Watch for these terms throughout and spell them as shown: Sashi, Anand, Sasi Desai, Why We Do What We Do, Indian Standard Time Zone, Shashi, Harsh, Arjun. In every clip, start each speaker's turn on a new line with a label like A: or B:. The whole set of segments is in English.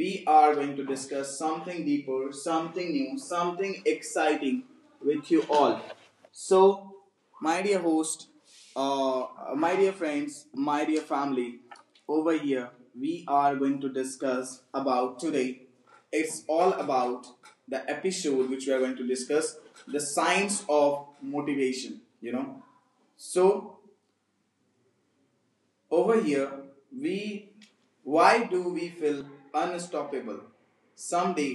A: We are going to discuss something deeper, something new, something exciting with you all. So, my dear host, uh, my dear friends, my dear family, over here we are going to discuss about today it's all about the episode which we are going to discuss the science of motivation. So, over here, we why do we feel unstoppable someday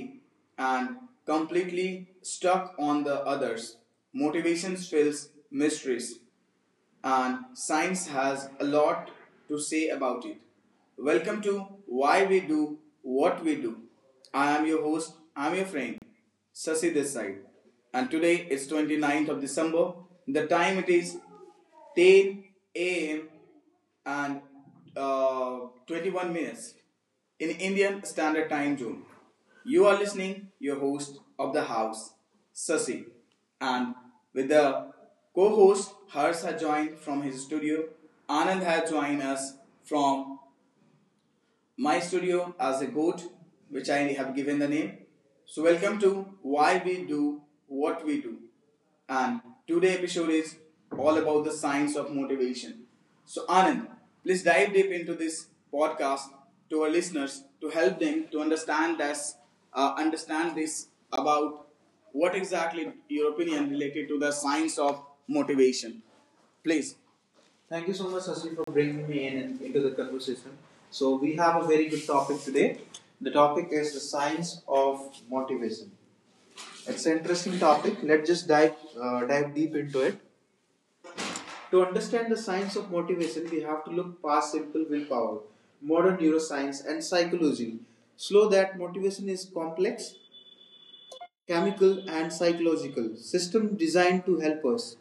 A: and completely stuck on the others? Motivations fills mysteries and science has a lot to say about it. Welcome to Why We Do What We Do. I am your host, I'm your friend, Sasi Desai. And today is 29th of December. The time it is 10 a.m and uh, 21 minutes in Indian Standard Time Zone. You are listening your host of the house, Sasi, and with the co-host Harsh has joined from his studio. Anand has joined us from my studio as a goat, which I have given the name. So, welcome to Why We Do What We Do. And today episode is all about the science of motivation. So, Anand, please dive deep into this podcast to our listeners to help them to understand this, about what exactly your opinion related to the science of motivation. Please. Thank you so much, Sasi, for bringing me in into the conversation. So we have a very good topic today. The topic is the science of motivation. It's an interesting topic. Let's just dive dive deep into it. To understand the science of motivation, we have to look past simple willpower, modern neuroscience, and psychology. Slow that motivation is complex, chemical, and psychological system designed to help us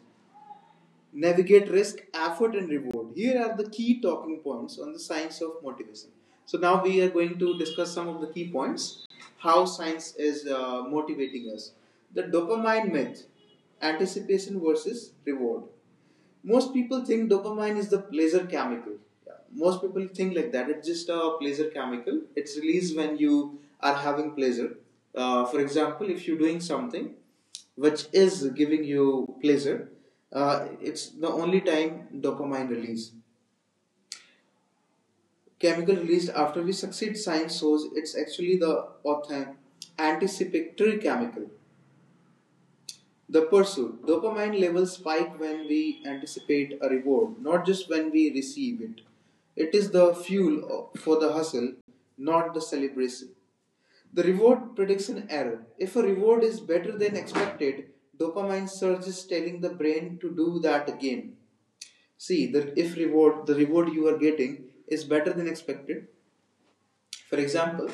A: navigate risk, effort, and reward. Here are the key talking points on the science of motivation. So now we are going to discuss some of the key points how science is motivating us. The dopamine myth anticipation versus reward most people think dopamine is the pleasure chemical. Yeah, most people think like that, it's just a pleasure chemical, it's released when you are having pleasure, for example, if you're doing something which is giving you pleasure, it's the only time dopamine release chemical released after we succeed. Science shows it's actually the anticipatory chemical. The pursuit. Dopamine levels spike when we anticipate a reward, not just when we receive it. It is the fuel for the hustle, not the celebration. The reward prediction error. If a reward is better than expected, dopamine surges telling the brain to do that again. See, that if reward the reward you are getting is better than expected. For example,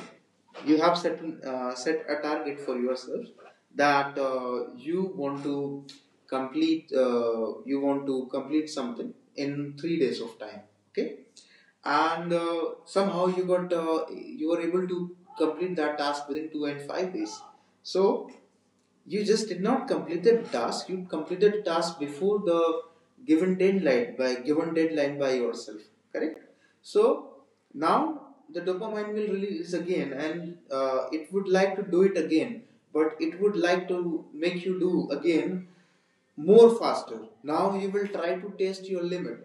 A: you have set set a target for yourself that you want to complete, something in 3 days of time. Okay, and somehow you got, you were able to complete that task within 2 and 5 days. So you just did not complete the task, you completed the task before the given deadline by yourself, correct? So now the dopamine will release again and it would like to do it again, but it would like to make you do again more faster. Now you will try to test your limit,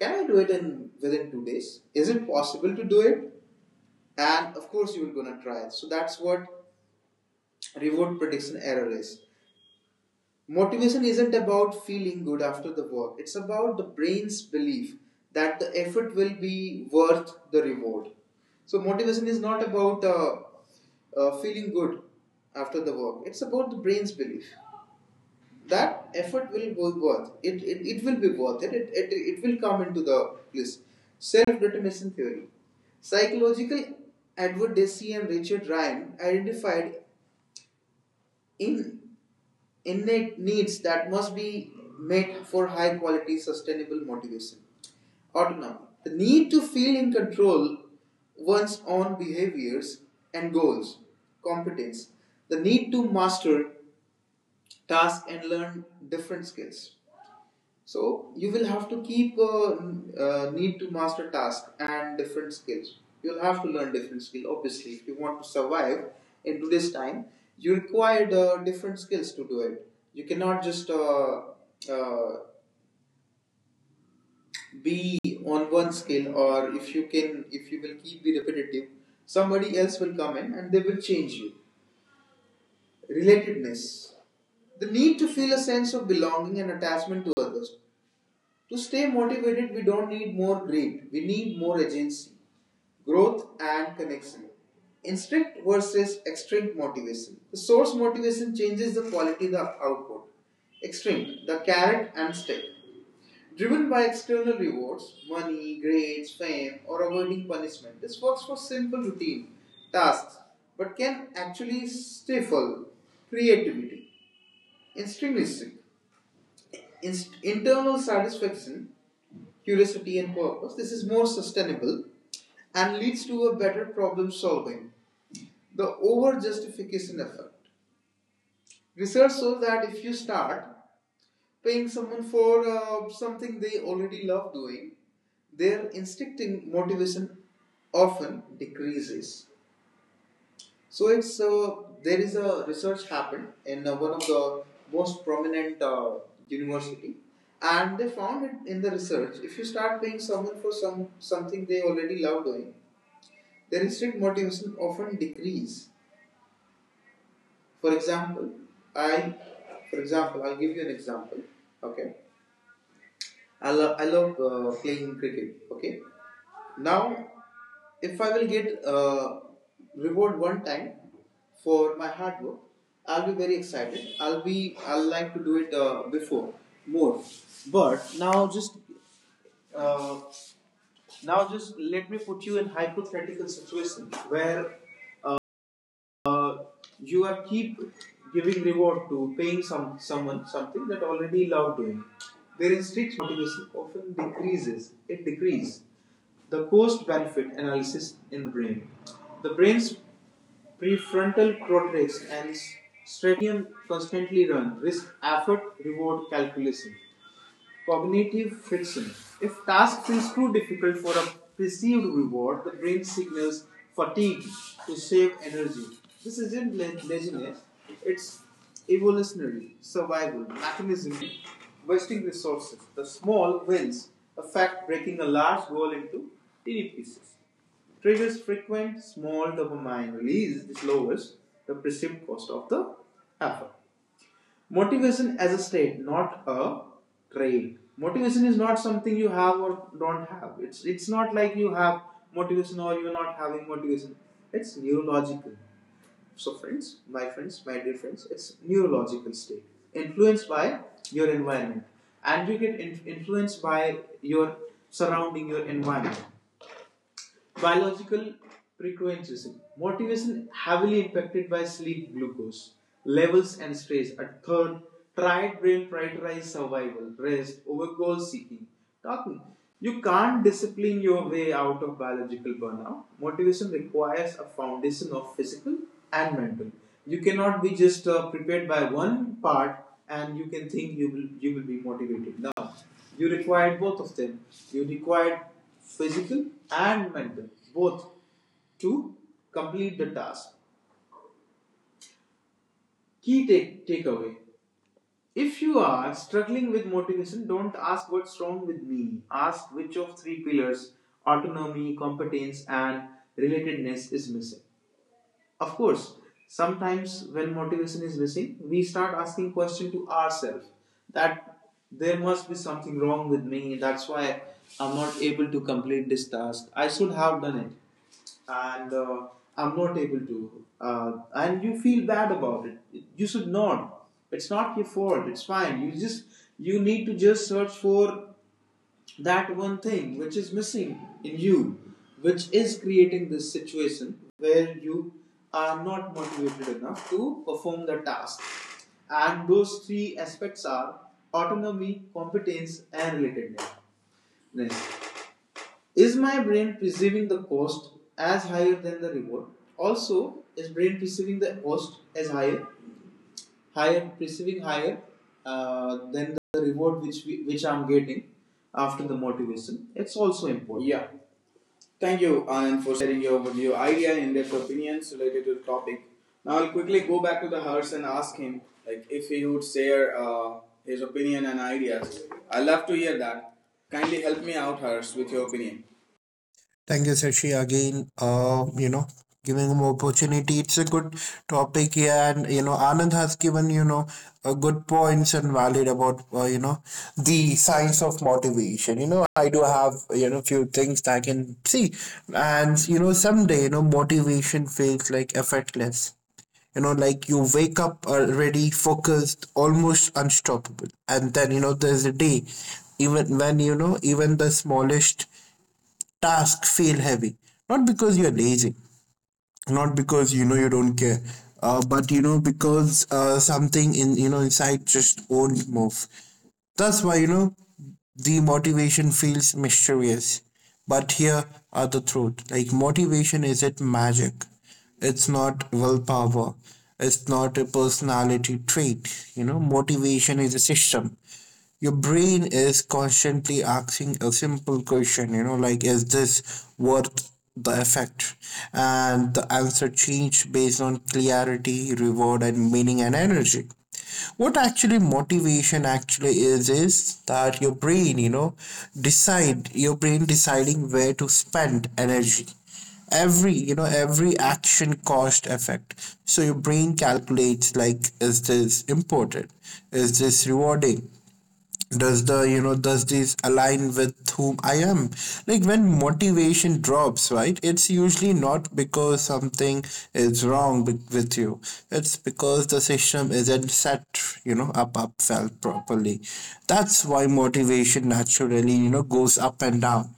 A: can I do it in within 2 days? Is it possible to do it? And of course you will gonna try it. So that's what reward prediction error is. Motivation isn't about feeling good after the work, it's about the brain's belief that the effort will be worth the reward. So, motivation is not about, feeling good after the work, it's about the brain's belief that effort will be worth it will be worth it. It will come into the list self determination theory psychological advocate DC and Richard Ryan identified in innate needs that must be met for high quality sustainable motivation. Autonomy. The need to feel in control one's own behaviors and goals. Competence. The need to master tasks and learn different skills. So you will have to keep, need to master task and different skills. You'll have to learn different skill. Obviously, if you want to survive in today's time, you require different skills to do it. You cannot just, uh, be on one skill, or if you can, if you will keep be repetitive, somebody else will come in and they will change you. Relatedness the need to feel a sense of belonging and attachment to others. To stay motivated, we don't need more greed, we need more agency, growth, and connection. Intrinsic versus extrinsic motivation. The source motivation changes the quality of the output. Extrinsic, the carrot and stick. Driven by external rewards, money, grades, fame, or avoiding punishment, this works for simple routine tasks but can actually stifle creativity. Intrinsic: internal satisfaction curiosity and purpose, this is more sustainable and leads to a better problem solving. The over justification effect. Research shows that if you start paying someone for something they already love doing, their instincting motivation often decreases. So it's, there is a research happened in one of the most prominent university, and they found it in the research. If you start paying someone for something they already love doing, their instant motivation often decrease. For example, I, for example, I'll give you an example. Okay, I love playing cricket. Okay, now, if I will get reward one time for my hard work, I'll be very excited. I'll like to do it before more. But now just, uh, let me put you in hypothetical situation where uh, you are keep giving reward to paying someone something that already love doing. Their strict motivation often decreases. It decreases the cost benefit analysis in brain. The brain's prefrontal cortex and stratum constantly run risk effort reward calculation. Cognitive friction. If task feels too difficult for a perceived reward, the brain signals fatigue to save energy. This isn't laziness, it's evolutionary survival mechanism wasting resources. The small wins affect breaking a large goal into tiny pieces. Triggers frequent small dopamine release, which lowers the perceived cost of the effort. Motivation as a state, not a trait. Motivation is not something you have or don't have. It's not like you have motivation or you're not having motivation. It's neurological. So friends, my dear friends, it's neurological state influenced by your environment, and you get influenced by your surrounding, your environment biological frequencies. Motivation heavily impacted by sleep glucose levels and stress. A third, tried brain prioritize survival, rest over goal seeking. Talking. You can't discipline your way out of biological burnout. Motivation requires a foundation of physical and mental. You cannot be just prepared by one part and you can think you will be motivated. Now, you required both of them. You required physical and mental, both to complete the task. Key takeaway. If you are struggling with motivation, don't ask what's wrong with me. Ask which of three pillars autonomy, competence, and relatedness is missing. Of course, sometimes when motivation is missing, we start asking questions to ourselves that there must be something wrong with me. That's why I'm not able to complete this task. I should have done it, and I'm not able to. And you feel bad about it. You should not. It's not your fault. It's fine. You just you need to just search for that one thing which is missing in you, which is creating this situation where you are not motivated enough to perform the task. And those three aspects are autonomy, competence, and relatedness. Is my brain perceiving the cost as higher than the reward? Also, is brain perceiving the cost as higher than the reward which, which I'm getting after the motivation, it's also important. Yeah. Thank you, Anand, for sharing your overview, idea, and in-depth opinions related to the topic. Now I'll quickly go back to the hearse and ask him, like, if he would share his opinion and ideas. I would love to hear that. Kindly help me out, Harsh, with your opinion.
B: Thank you, Sashi, again, giving him opportunity. It's a good topic here, and Anand has given good points and valid about the science of motivation. I do have few things that I can see, and someday motivation feels like effortless. Like you wake up already focused, almost unstoppable, and then there's a day, even when even the smallest tasks feel heavy, not because you're lazy, not because you don't care, but because something in you know inside just won't move. That's why the motivation feels mysterious. But here are the truth, like motivation is it magic, it's not willpower, it's not a personality trait. Motivation is a system. Your brain is constantly asking a simple question, like, is this worth the effect? And the answer changed based on clarity, reward, and meaning and energy. What actually motivation actually is that your brain, decide your brain deciding where to spend energy. Every every action cost effect, so your brain calculates, like is this important, is this rewarding, does the does this align with whom I am. Like when motivation drops, right, it's usually not because something is wrong with you, it's because the system isn't set up well, properly. That's why motivation naturally goes up and down.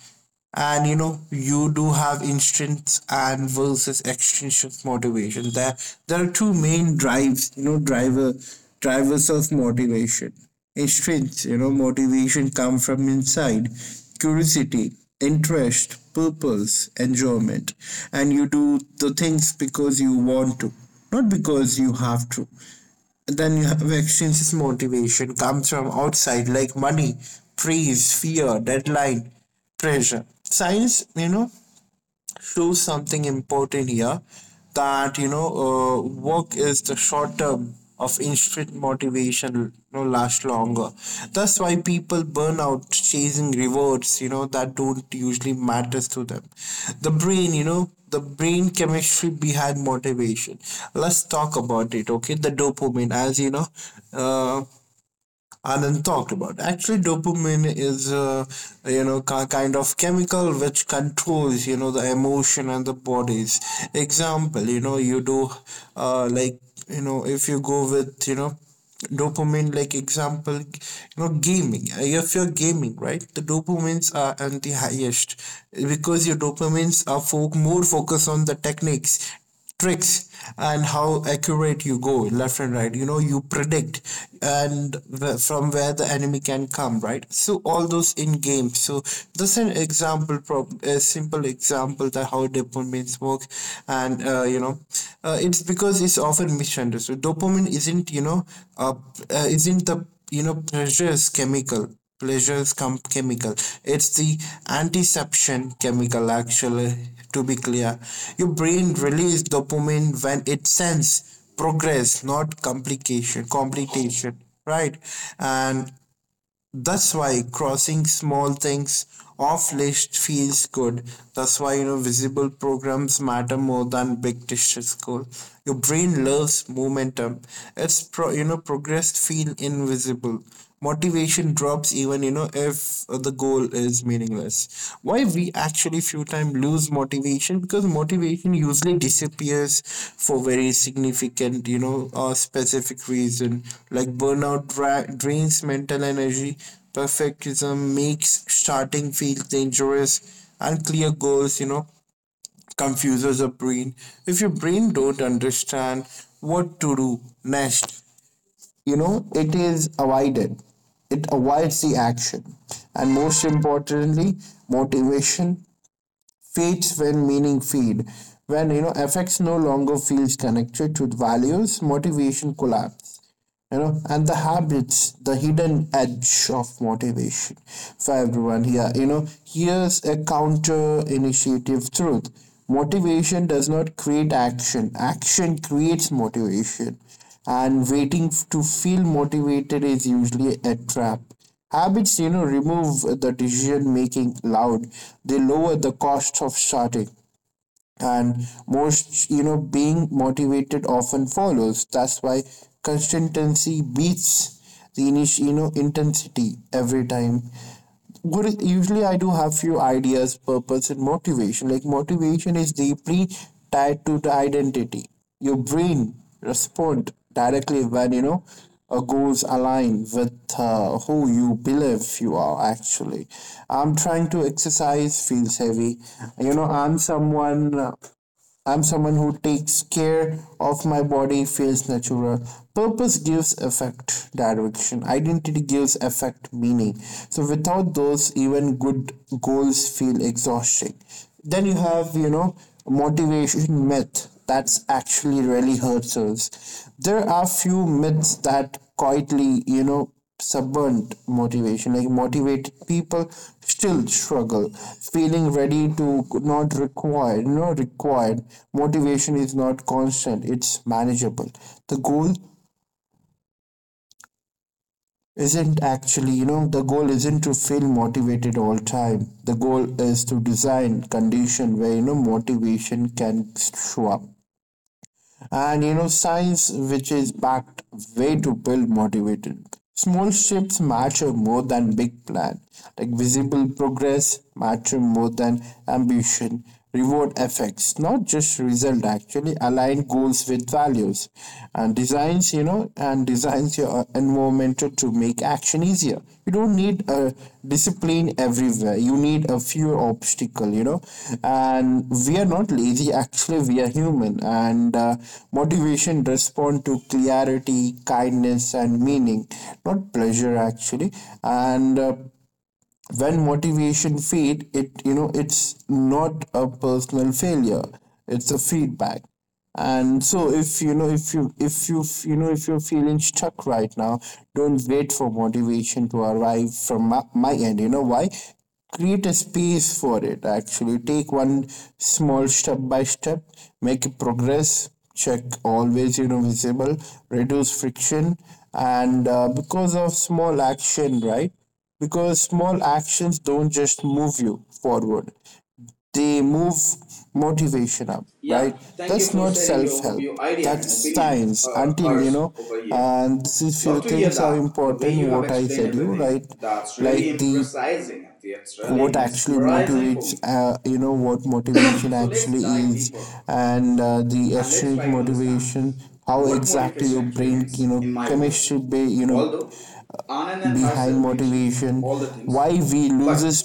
B: And you know you do have intrinsic and versus extrinsic motivation. There are two main drives, drivers of motivation. Intrinsic motivation come from inside: curiosity, interest, purpose, enjoyment, and you do the things because you want to, not because you have to. Then you have extrinsic motivation, comes from outside, like money, praise, fear, deadline, pressure. Science shows something important here, that work is the short term of instant motivation, last longer. That's why people burn out chasing rewards that don't usually matters to them. The brain the brain chemistry behind motivation, let's talk about it. Okay, the dopamine, as you know uh, Anand talked about. Actually, dopamine is ki kind of chemical which controls the emotion and the bodies. Example, you do like if you go with dopamine, like example gaming. If you're gaming, right, the dopamines are at the highest because your dopamines are more focused on the techniques, tricks, and how accurate you go left and right. You know you predict and from where the enemy can come, right, so all those in game. So this is an example, a simple example that how dopamine works. And it's because it's often misunderstood. Dopamine isn't uh, isn't the precious chemical, pleasures come chemical. It's the antiception chemical, actually, to be clear. Your brain releases dopamine when it senses progress, not complication. Right, and that's why crossing small things off list feels good. That's why visible programs matter more than big district goal. Your brain loves momentum. It's progress feel invisible. Motivation drops, even if the goal is meaningless. This why we actually few time lose motivation, because motivation usually disappears for very significant specific reason. Like burnout drains mental energy, perfectionism makes starting feel dangerous, unclear goals confuses the brain. If your brain don't understand what to do next, you know it is avoided it avoids the action. And most importantly, motivation fades when meaning fade, when effects no longer feels connected to values, motivation collapse. And the habits, the hidden edge of motivation for everyone here, here's a counter initiative truth: motivation does not create action, action creates motivation. And waiting to feel motivated is usually a trap. Habits remove the decision making loud, they lower the cost of starting, and most being motivated often follows. That's why consistency beats the intensity every time. What is, usually I do have few ideas, purpose, and motivation. Like motivation is deeply tied to the identity. Your brain respond directly when goals align with who you believe you are. Actually, I'm trying to exercise feels heavy. You know, I'm someone. I'm someone who takes care of my body, feels natural. Purpose gives effect, direction. Identity gives effect, meaning. So without those, even good goals feel exhausting. Then you have, motivation myth that's actually really hurts us. There are few myths that quietly, subvert motivation, like motivated people still struggle, feeling ready to, not required, not required. Motivation is not constant, it's manageable. The goal isn't actually, the goal isn't to feel motivated all time. The goal is to design condition where motivation can show up. And science which is backed way to build motivated: small shifts matter more than big plan, like visible progress matter more than ambition, reward effects not just result, actually align goals with values, and designs your environmental to make action easier. You don't need a discipline everywhere, you need a few obstacle, And we are not lazy, actually, we are human. And motivation respond to clarity, kindness, and meaning, not pleasure, actually. And when motivation fade, it you know it's not a personal failure, it's a feedback. And so if you you know if you're feeling stuck right now, don't wait for motivation to arrive from my end. Why? Create a space for it, actually. Take one small step by step, make it progress check, always visible, reduce friction. And because of small action, right, because small actions don't just move you forward, they move motivation up,
A: Yeah,
B: right?
A: thank you
B: That's
A: for
B: not
A: sharing your
B: self-help,
A: overview idea and
B: that's
A: opinion,
B: science. Until
A: hers over here.
B: and these few
A: Love to hear
B: things are
A: that. The way
B: important,
A: you have
B: what I
A: explained
B: said you,
A: everything,
B: right,
A: that's really
B: like the
A: impressizing. It's really
B: what actually
A: mesmerizing for
B: motivates,
A: me.
B: what motivation
A: So let's
B: actually
A: dive
B: is,
A: deeper
B: and the
A: and let's
B: extrinsic
A: try to understand
B: motivation, how
A: what
B: exactly
A: motivation
B: your
A: actually
B: brain
A: means in my words.
B: chemistry
A: Although Anand and Harsh
B: behind
A: has mentioned
B: motivation,
A: all the
B: why
A: things,
B: we
A: but
B: loses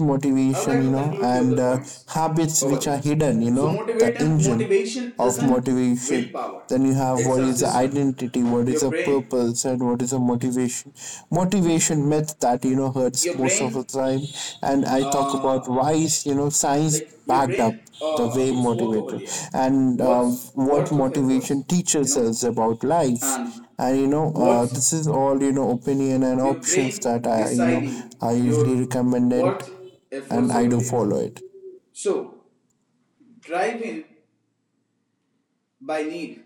A: I would
B: motivation,
A: like to conclude few of
B: and
A: the points
B: habits
A: over
B: which are
A: there.
B: hidden,
A: So
B: the
A: motivation
B: engine
A: motivation
B: of
A: isn't
B: motivation.
A: willpower;
B: Then you have
A: it's
B: what
A: a
B: is the
A: system.
B: identity, what is
A: Your
B: the
A: brain,
B: purpose, and what is the motivation, motivation myth that hurts
A: your
B: most of the
A: brain,
B: time. And I talk about
A: uh,
B: why is, science
A: your
B: backed up
A: brain,
B: the way
A: its work over
B: motivated,
A: there.
B: and
A: What's
B: what
A: worth of efforts,
B: motivation
A: you
B: teaches
A: know,
B: us about life.
A: and
B: And
A: what's
B: this is all opinion and
A: your
B: options
A: brain
B: that I
A: deciding
B: I
A: your
B: usually recommend it
A: worth
B: and
A: efforts
B: I
A: over
B: do
A: there.
B: follow it.
A: So drive in by need.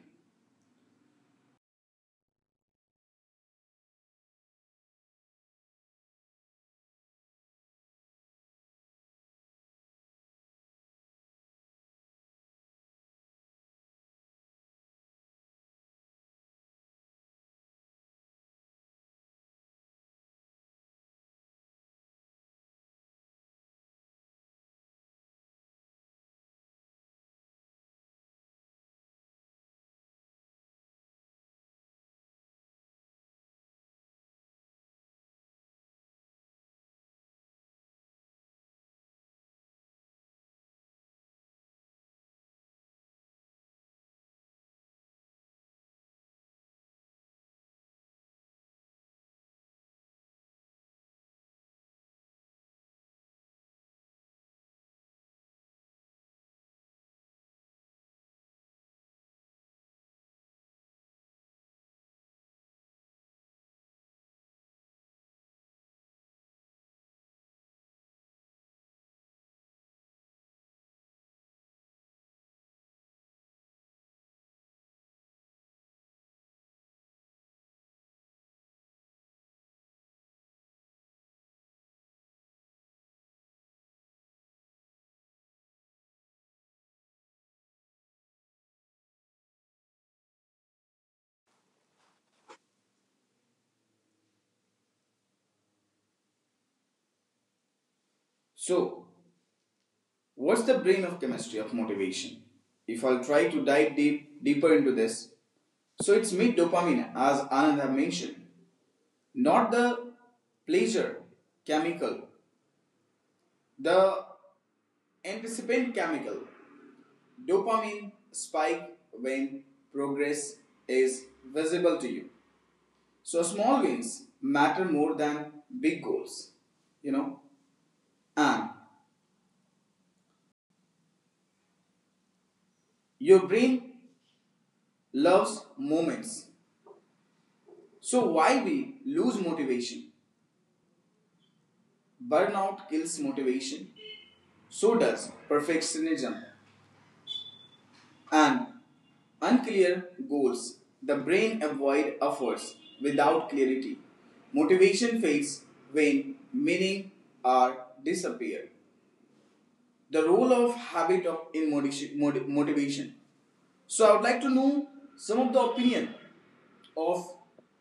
A: So, what's the brain of chemistry of motivation? If I'll try to dive deeper into this, so it's made dopamine, as Anand have mentioned, not the pleasure chemical, the anticipant chemical. Dopamine spike when progress is visible to you. So small wins matter more than big goals, you know. And your brain loves moments. So, why we lose motivation? Burnout kills motivation. So does perfectionism and unclear goals. The brain avoid efforts without clarity. Motivation fades when meaning are disappear. The role of habit of in motivation. So I would like to know some of the opinion of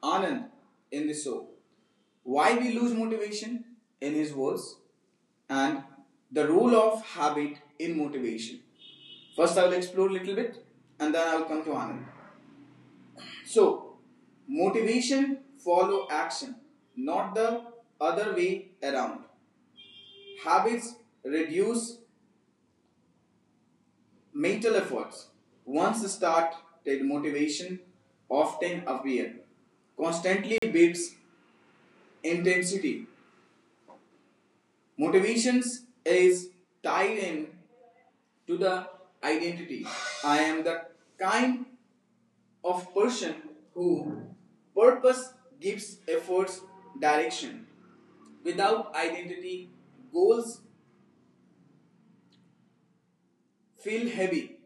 A: Anand in this show. Why we lose motivation in his words? And the role of habit in motivation. First, I will explore a little bit and then I will come to Anand. So, motivation follow action, not the other way around. Habits reduce mental efforts. Once started, motivation often appear. Constantly builds intensity. Motivations is tied in to the identity. I am the kind of person who purpose gives efforts direction. Without identity, goals feel heavy,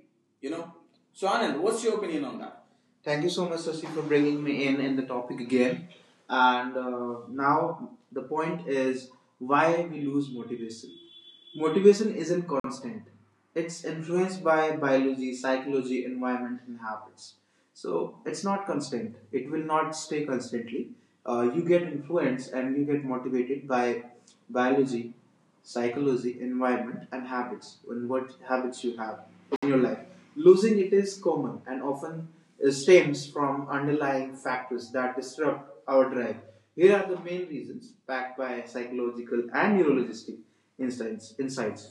A: you know. So Anand, what's your opinion on that? Thank you so much, Sasi, for bringing me in the topic again. And now the point is why we lose motivation. Motivation isn't constant. It's influenced by biology, psychology, environment, and habits. So it's not constant. It will not stay constantly. You get influenced and you get motivated by biology, psychology, environment, and habits, and what habits you have in your life. Losing it is common and often stems from underlying factors that disrupt our drive. Here are the main reasons backed by psychological and neurologistic insights.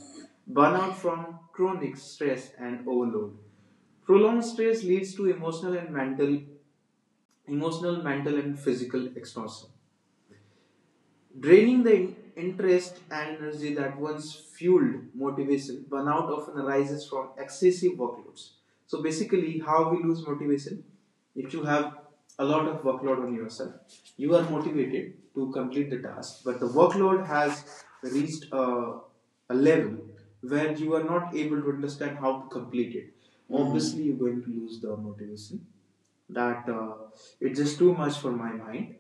A: Burnout from chronic stress and overload. Prolonged stress leads to emotional, mental, and physical exhaustion. Draining the interest and energy that once fueled motivation, burnout often arises from excessive workloads. So basically, how we lose motivation? If you have a lot of workload on yourself, you are motivated to complete the task, but the workload has reached a level where you are not able to understand how to complete it. Mm. Obviously, you're going to lose the motivation. That it's just too much for my mind.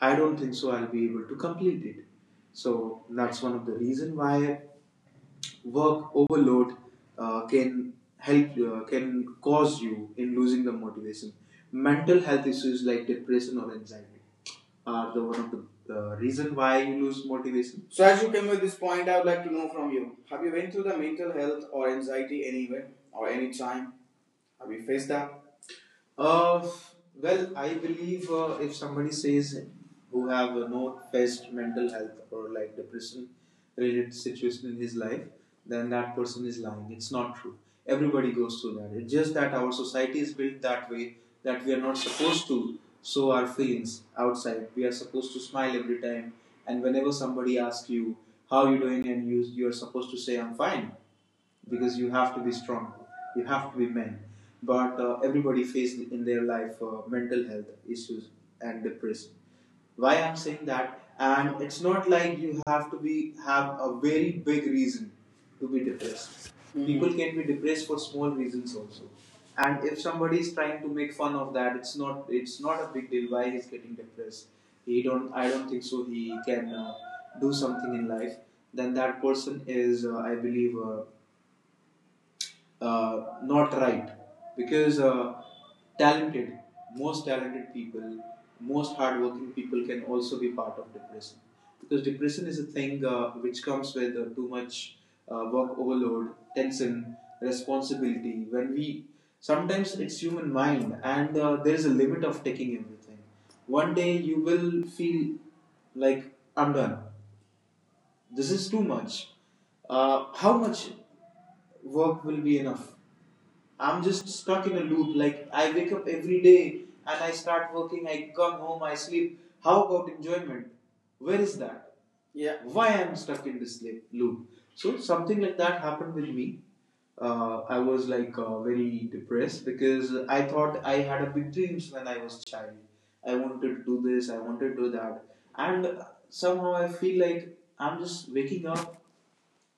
A: I don't think so I'll be able to complete it. So that's one of the reason why work overload can cause you in losing the motivation. Mental health issues like depression or anxiety are the one of the reason why you lose motivation. So as you came with this point, I would like to know from you: have you went through the mental health or anxiety anywhere or any time? Have you faced that? Uh, well, I believe if somebody says who have no faced mental health or like depression related situation in his life, then that person is lying. It's not true. Everybody goes through that. It's just that our society is built that way that we are not supposed to show our feelings outside. We are supposed to smile every time, and whenever somebody asks you how you doing, and you are supposed to say I'm fine, because you have to be strong, you have to be men, but everybody faced in their life mental health issues and depression. Why I'm saying that, and it's not like you have to be have a very big reason to be depressed. Mm-hmm. People can be depressed for small reasons also, and if somebody is trying to make fun of that, it's not a big deal why he's getting depressed, he don't, I don't think so he can do something in life, then that person is I believe not right, because talented, most talented people, most hardworking people can also be part of depression, because depression is a thing which comes with too much work overload, tension, responsibility, when we sometimes it's human mind, and there's a limit of taking everything. One day you will feel like I'm done, this is too much, how much work will be enough. I'm just stuck in a loop. Like I wake up every day and I start working, I come home, I sleep. How about enjoyment? Where is that? Yeah. Why I'm stuck in this loop? So something like that happened with me. I was like very depressed, because I thought I had a big dreams when I was child. I wanted to do this, I wanted to do that, and somehow I feel like I'm just waking up,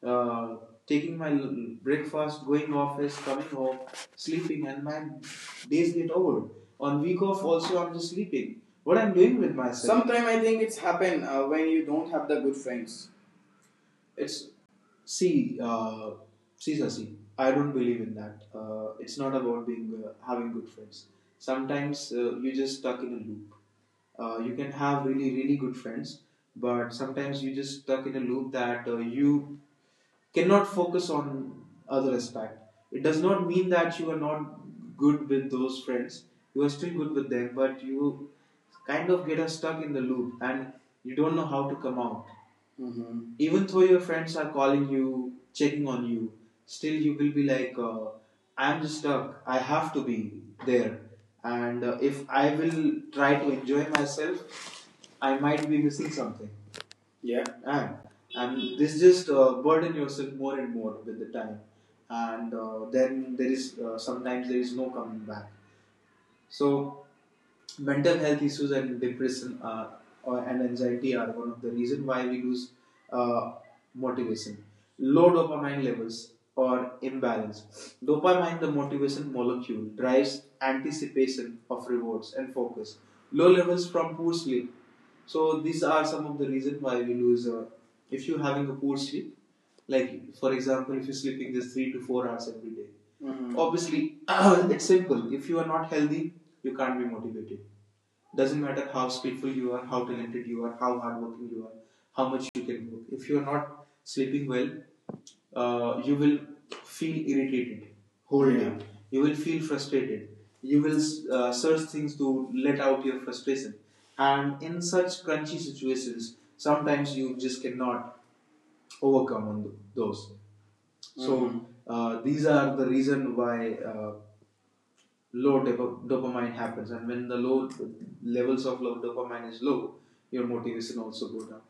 A: uh, taking my breakfast, going office, coming home, sleeping, and my days get over. On week off, also I'm just sleeping. What I'm doing with myself? Sometimes I think it's happen when you don't have the good friends. It's see, see, Sasi. I don't believe in that. It's not about being having good friends. Sometimes you're just stuck in a loop. You can have really, really good friends, but sometimes you just stuck in a loop that you cannot focus on other aspect. It does not mean that you are not good with those friends. You are still good with them, but you kind of get stuck in the loop and you don't know how to come out. Mhm. Even though your friends are calling you, checking on you, still you will be like, I'm stuck. I have to be there. And if I will try to enjoy myself, I might be missing something. Yeah, and this just burden yourself more and more with the time, and then there is sometimes there is no coming back. So mental health issues and depression are, or and anxiety are one of the reason why we lose uh, motivation. Low dopamine levels or imbalance. Dopamine, the motivation molecule, drives anticipation of rewards and focus. Low levels from poor sleep. So these are some of the reasons why we lose. If you're having a poor sleep, like for example, if you're sleeping just 3 to 4 hours every day, Mhm. obviously it's simple. If you are not healthy, you can't be motivated, doesn't matter how skillful you are, how talented you are, how hardworking you are, how much you can work. If you're not sleeping well, you will feel irritated whole yeah. day. Yeah. You will feel frustrated, you will search things to let out your frustration, and in such crunchy situations sometimes you just cannot overcome on those, so Mhm. These are the reason why uh, low dopamine happens, and when the low levels of low dopamine is low, your motivation also goes down.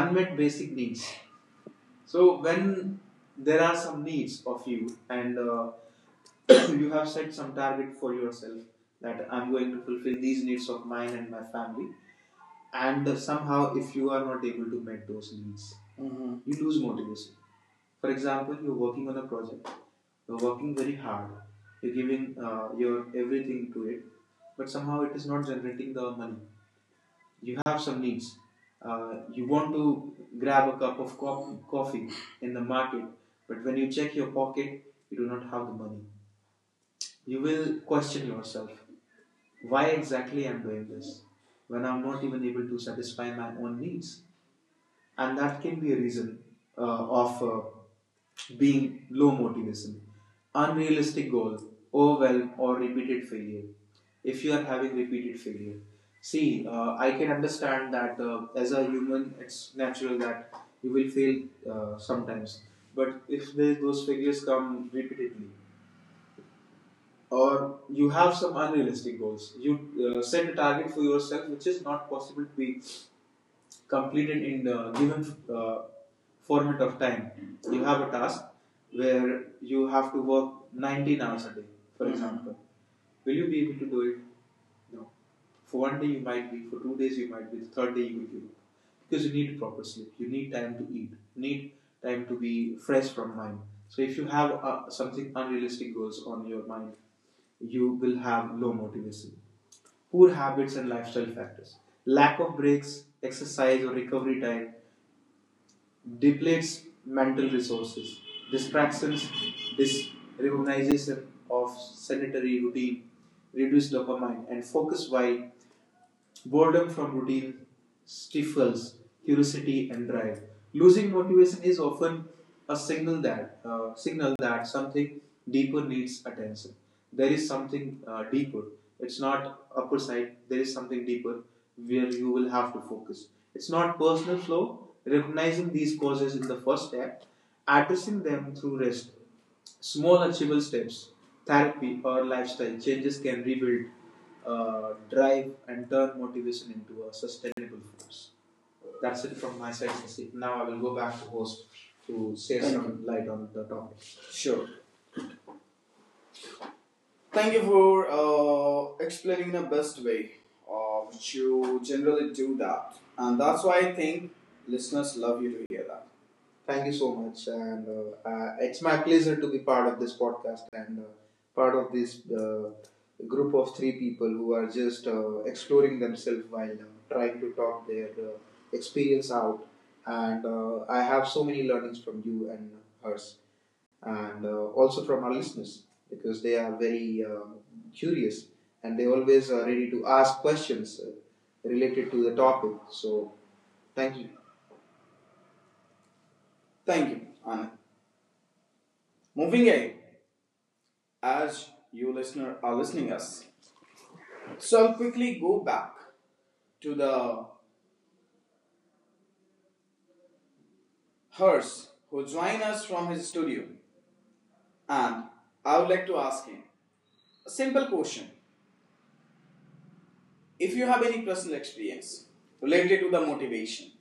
A: Unmet basic needs, so when there are some needs of you and you have set some target for yourself that I'm going to fulfill these needs of mine and my family, and somehow if you are not able to meet those needs Mhm. you lose motivation. For example, you're working on a project, you're working very hard, you're giving your everything to it, but somehow it is not generating the money. You have some needs, you want to grab a cup of coffee in the market, but when you check your pocket you do not have the money. You will question yourself, why exactly I'm doing this when I'm not even able to satisfy my own needs, and that can be a reason of being low motivation. Unrealistic goals, overwhelm or repeated failure. If you are having repeated failure, see, I can understand that as a human it's natural that you will fail sometimes, but if the, those failures come repeatedly, or you have some unrealistic goals, you set a target for yourself which is not possible to be completed in the given uh, format of time. You have a task where you have to work 19 hours a day, for Mhm. example. Will you be able to do it? No. For one day you might be, for two days you might be, the third day you will be. Because you need proper sleep, you need time to eat, you need time to be fresh from mind. So if you have something unrealistic goals on your mind, you will have low motivation. Poor habits and lifestyle factors, lack of breaks, exercise, or recovery time, depletes mental resources, distractions, disrecognition of sanitary routine, reduced dopamine, and focus, while boredom from routine stifles curiosity and drive. Losing motivation is often a signal that something deeper needs attention. There is something deeper. It's not upper side. There is something deeper where you will have to focus. It's not personal flow. Recognizing these causes in the first step, addressing them through rest, small achievable steps, therapy, or lifestyle changes can rebuild drive and turn motivation into a sustainable force. That's it from my side, Sasi. Now I will go back to host to shed thank some you light on the topic. Sure. Thank you for explaining in the best way, which you generally do that, and that's why I think listeners love you to hear that. Thank you so much, and it's my pleasure to be part of this podcast and part of this group of three people who are just exploring themselves while trying to talk their experience out. And I have so many learnings from you and hers, and also from our listeners because they are very curious and they always are ready to ask questions related to the topic. So, thank you. Thank you, Anand. Moving ahead, as you listener are listening us. So I'll quickly go back to the hers who joined us from his studio and I would like to ask him a simple question. If you have any personal experience related to the motivation,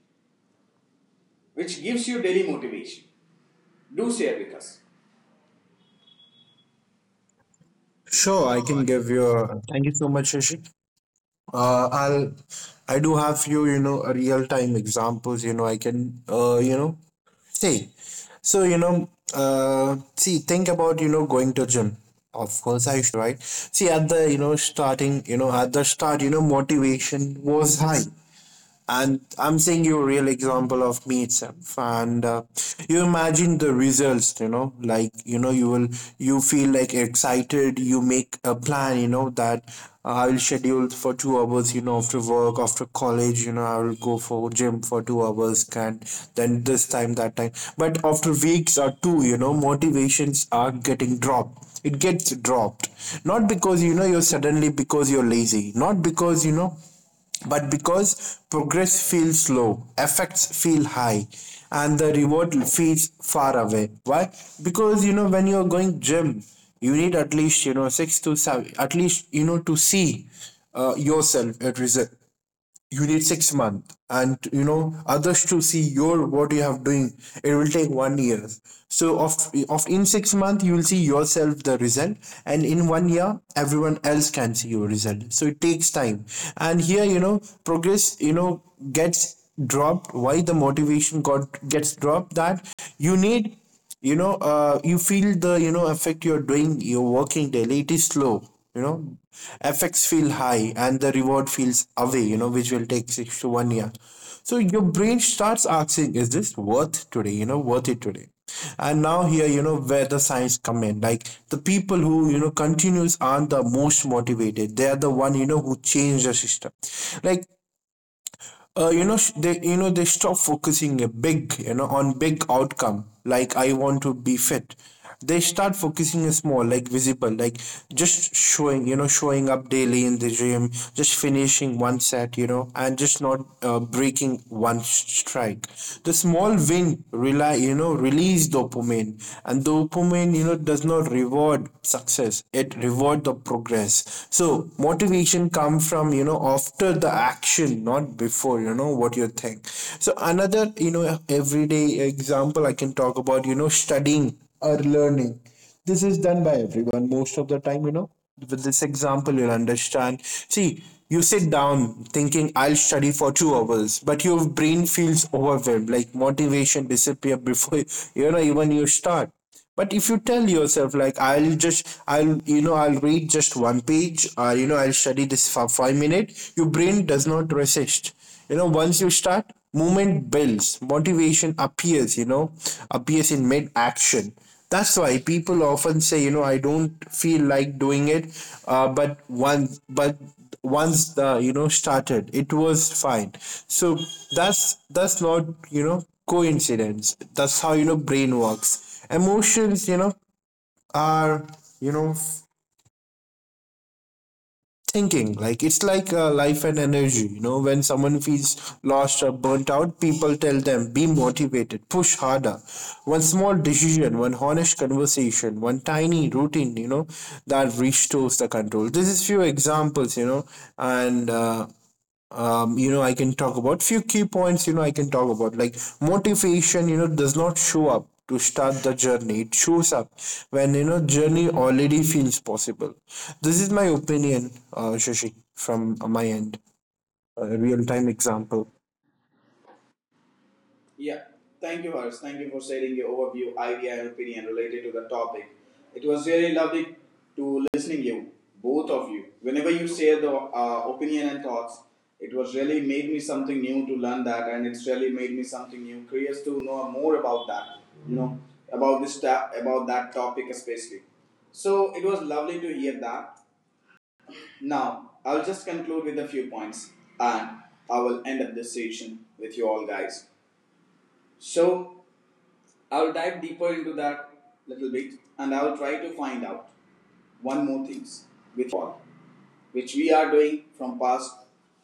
A: which gives you daily motivation, do share with us.
B: Sure, I can give you. A, thank you so much, Rishi. I'll. I do have few, real time examples. I can. Say. So see, think about going to gym. Of course, I used, right? See, at the starting, at the start, motivation was high, and I'm saying you a real example of me itself. And you imagine the results, like you will you feel like excited, you make a plan that I will schedule for 2 hours, after work, after college, I will go for gym for 2 hours, and then this time, that time. But after weeks or two, motivations are getting dropped. It gets dropped, not because you're suddenly because you're lazy, not because but because progress feels slow, effects feel high, and the reward feels far away. Why? Because when you're going gym, you need at least six to seven, at least to see yourself at result. You need 6 months, and others to see your what you have doing, it will take one year. So of in 6 months you will see yourself the result, and in one year everyone else can see your result. So it takes time. And here progress gets dropped. Why the motivation got gets dropped, that you need, you feel the effect. You're doing, you're working daily, it is slow, you know effects feel high, and the reward feels away, which will take 6 months to 1 year. So your brain starts asking, is this worth today, worth it today. And now here, where the science come in, like the people who continues aren't the most motivated, they are the one who change the system. Like, they they stop focusing a big on big outcome like I want to be fit, they start focusing a small like visible, like just showing you know showing up daily in the gym, just finishing one set, and just not breaking one strike. The small win rely release dopamine, and dopamine does not reward success, it reward the progress. So motivation comes from after the action, not before, what you think. So another, everyday example I can talk about, studying or learning, this is done by everyone most of the time, with this example you'll understand. See, you sit down thinking I'll study for 2 hours, but your brain feels overwhelmed, like motivation disappear before even you start. But if you tell yourself, like, I'll read just one page, or, I'll study this for 5 minutes, your brain does not resist. Once you start, movement builds, motivation appears, appears in mid action. That's why people often say, I don't feel like doing it, but once the you know started, it was fine. So that's not coincidence, that's how brain works. Emotions are you know thinking, like it's like life and energy. When someone feels lost or burnt out, people tell them be motivated, push harder, one small decision, one honest conversation, one tiny routine that restores the control. This is few examples, and I can talk about few key points. I can talk about like motivation. Does not show up to start the journey. It shows up when journey already feels possible. This is my opinion, Shashi, from my end. A real time example.
A: Yeah, thank you, Harsh. Thank you for sharing your overview, idea, and opinion related to the topic. It was really lovely to listening you, both of you. Whenever you share the opinion and thoughts, it was really made me something new to learn that, and it's really made me something new, curious to know more about that. You know about this about that topic especially. So it was lovely to hear that. Now I'll just conclude with a few points, and I will end up this session with you all guys. So I'll dive deeper into that little bit and I'll try to find out one more things with all, which we are doing from past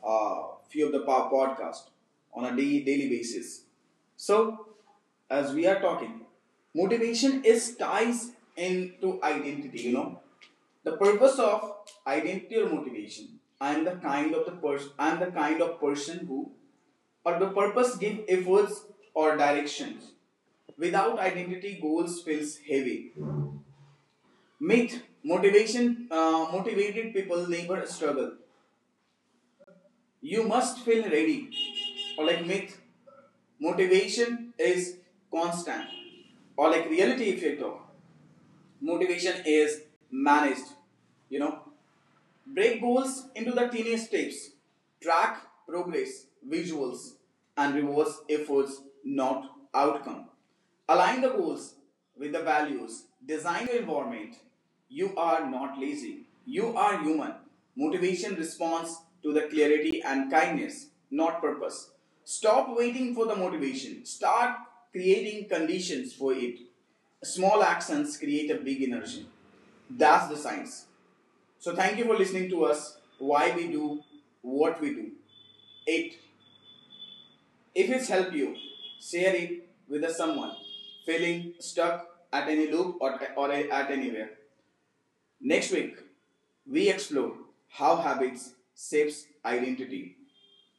A: uh, few of the power podcast on a daily basis. So, as we are talking, motivation is ties into identity, you know. The purpose of identity or motivation. I'm the kind of person who or the purpose give efforts or directions. Without identity, goals feels heavy. Myth, motivation, motivated people labor struggle. You must feel ready. Or like myth, motivation is constant. Or like reality, if you talk, motivation is managed. You know, break goals into the tiniest steps. Track progress, visuals, and rewards efforts, not outcome. Align the goals with the values. Design your environment. You are not lazy. You are human. Motivation responds to the clarity and kindness, not purpose. Stop waiting for the motivation. Start creating conditions for it. Small actions create a big energy. That's the science. So thank you for listening to us, why we do what we do. 8. If it's helped you, share it with someone feeling stuck at any loop or at anywhere. Next week, we explore how habits shapes identity.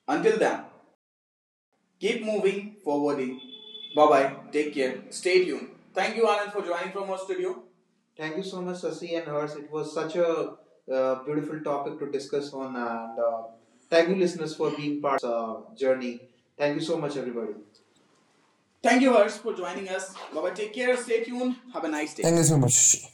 A: Until then, keep moving forwarding. Bye bye. Take care. Stay tuned. Thank you, Anand, for joining from our studio. Thank you so much, Sasi and Hers. It was such a beautiful topic to discuss on, and thank you, listeners, for being part journey. Thank you so much, everybody. Thank you, Hers, for joining us. Bye bye. Take care. Stay tuned. Have a nice day.
B: Thank you so much, Shashi.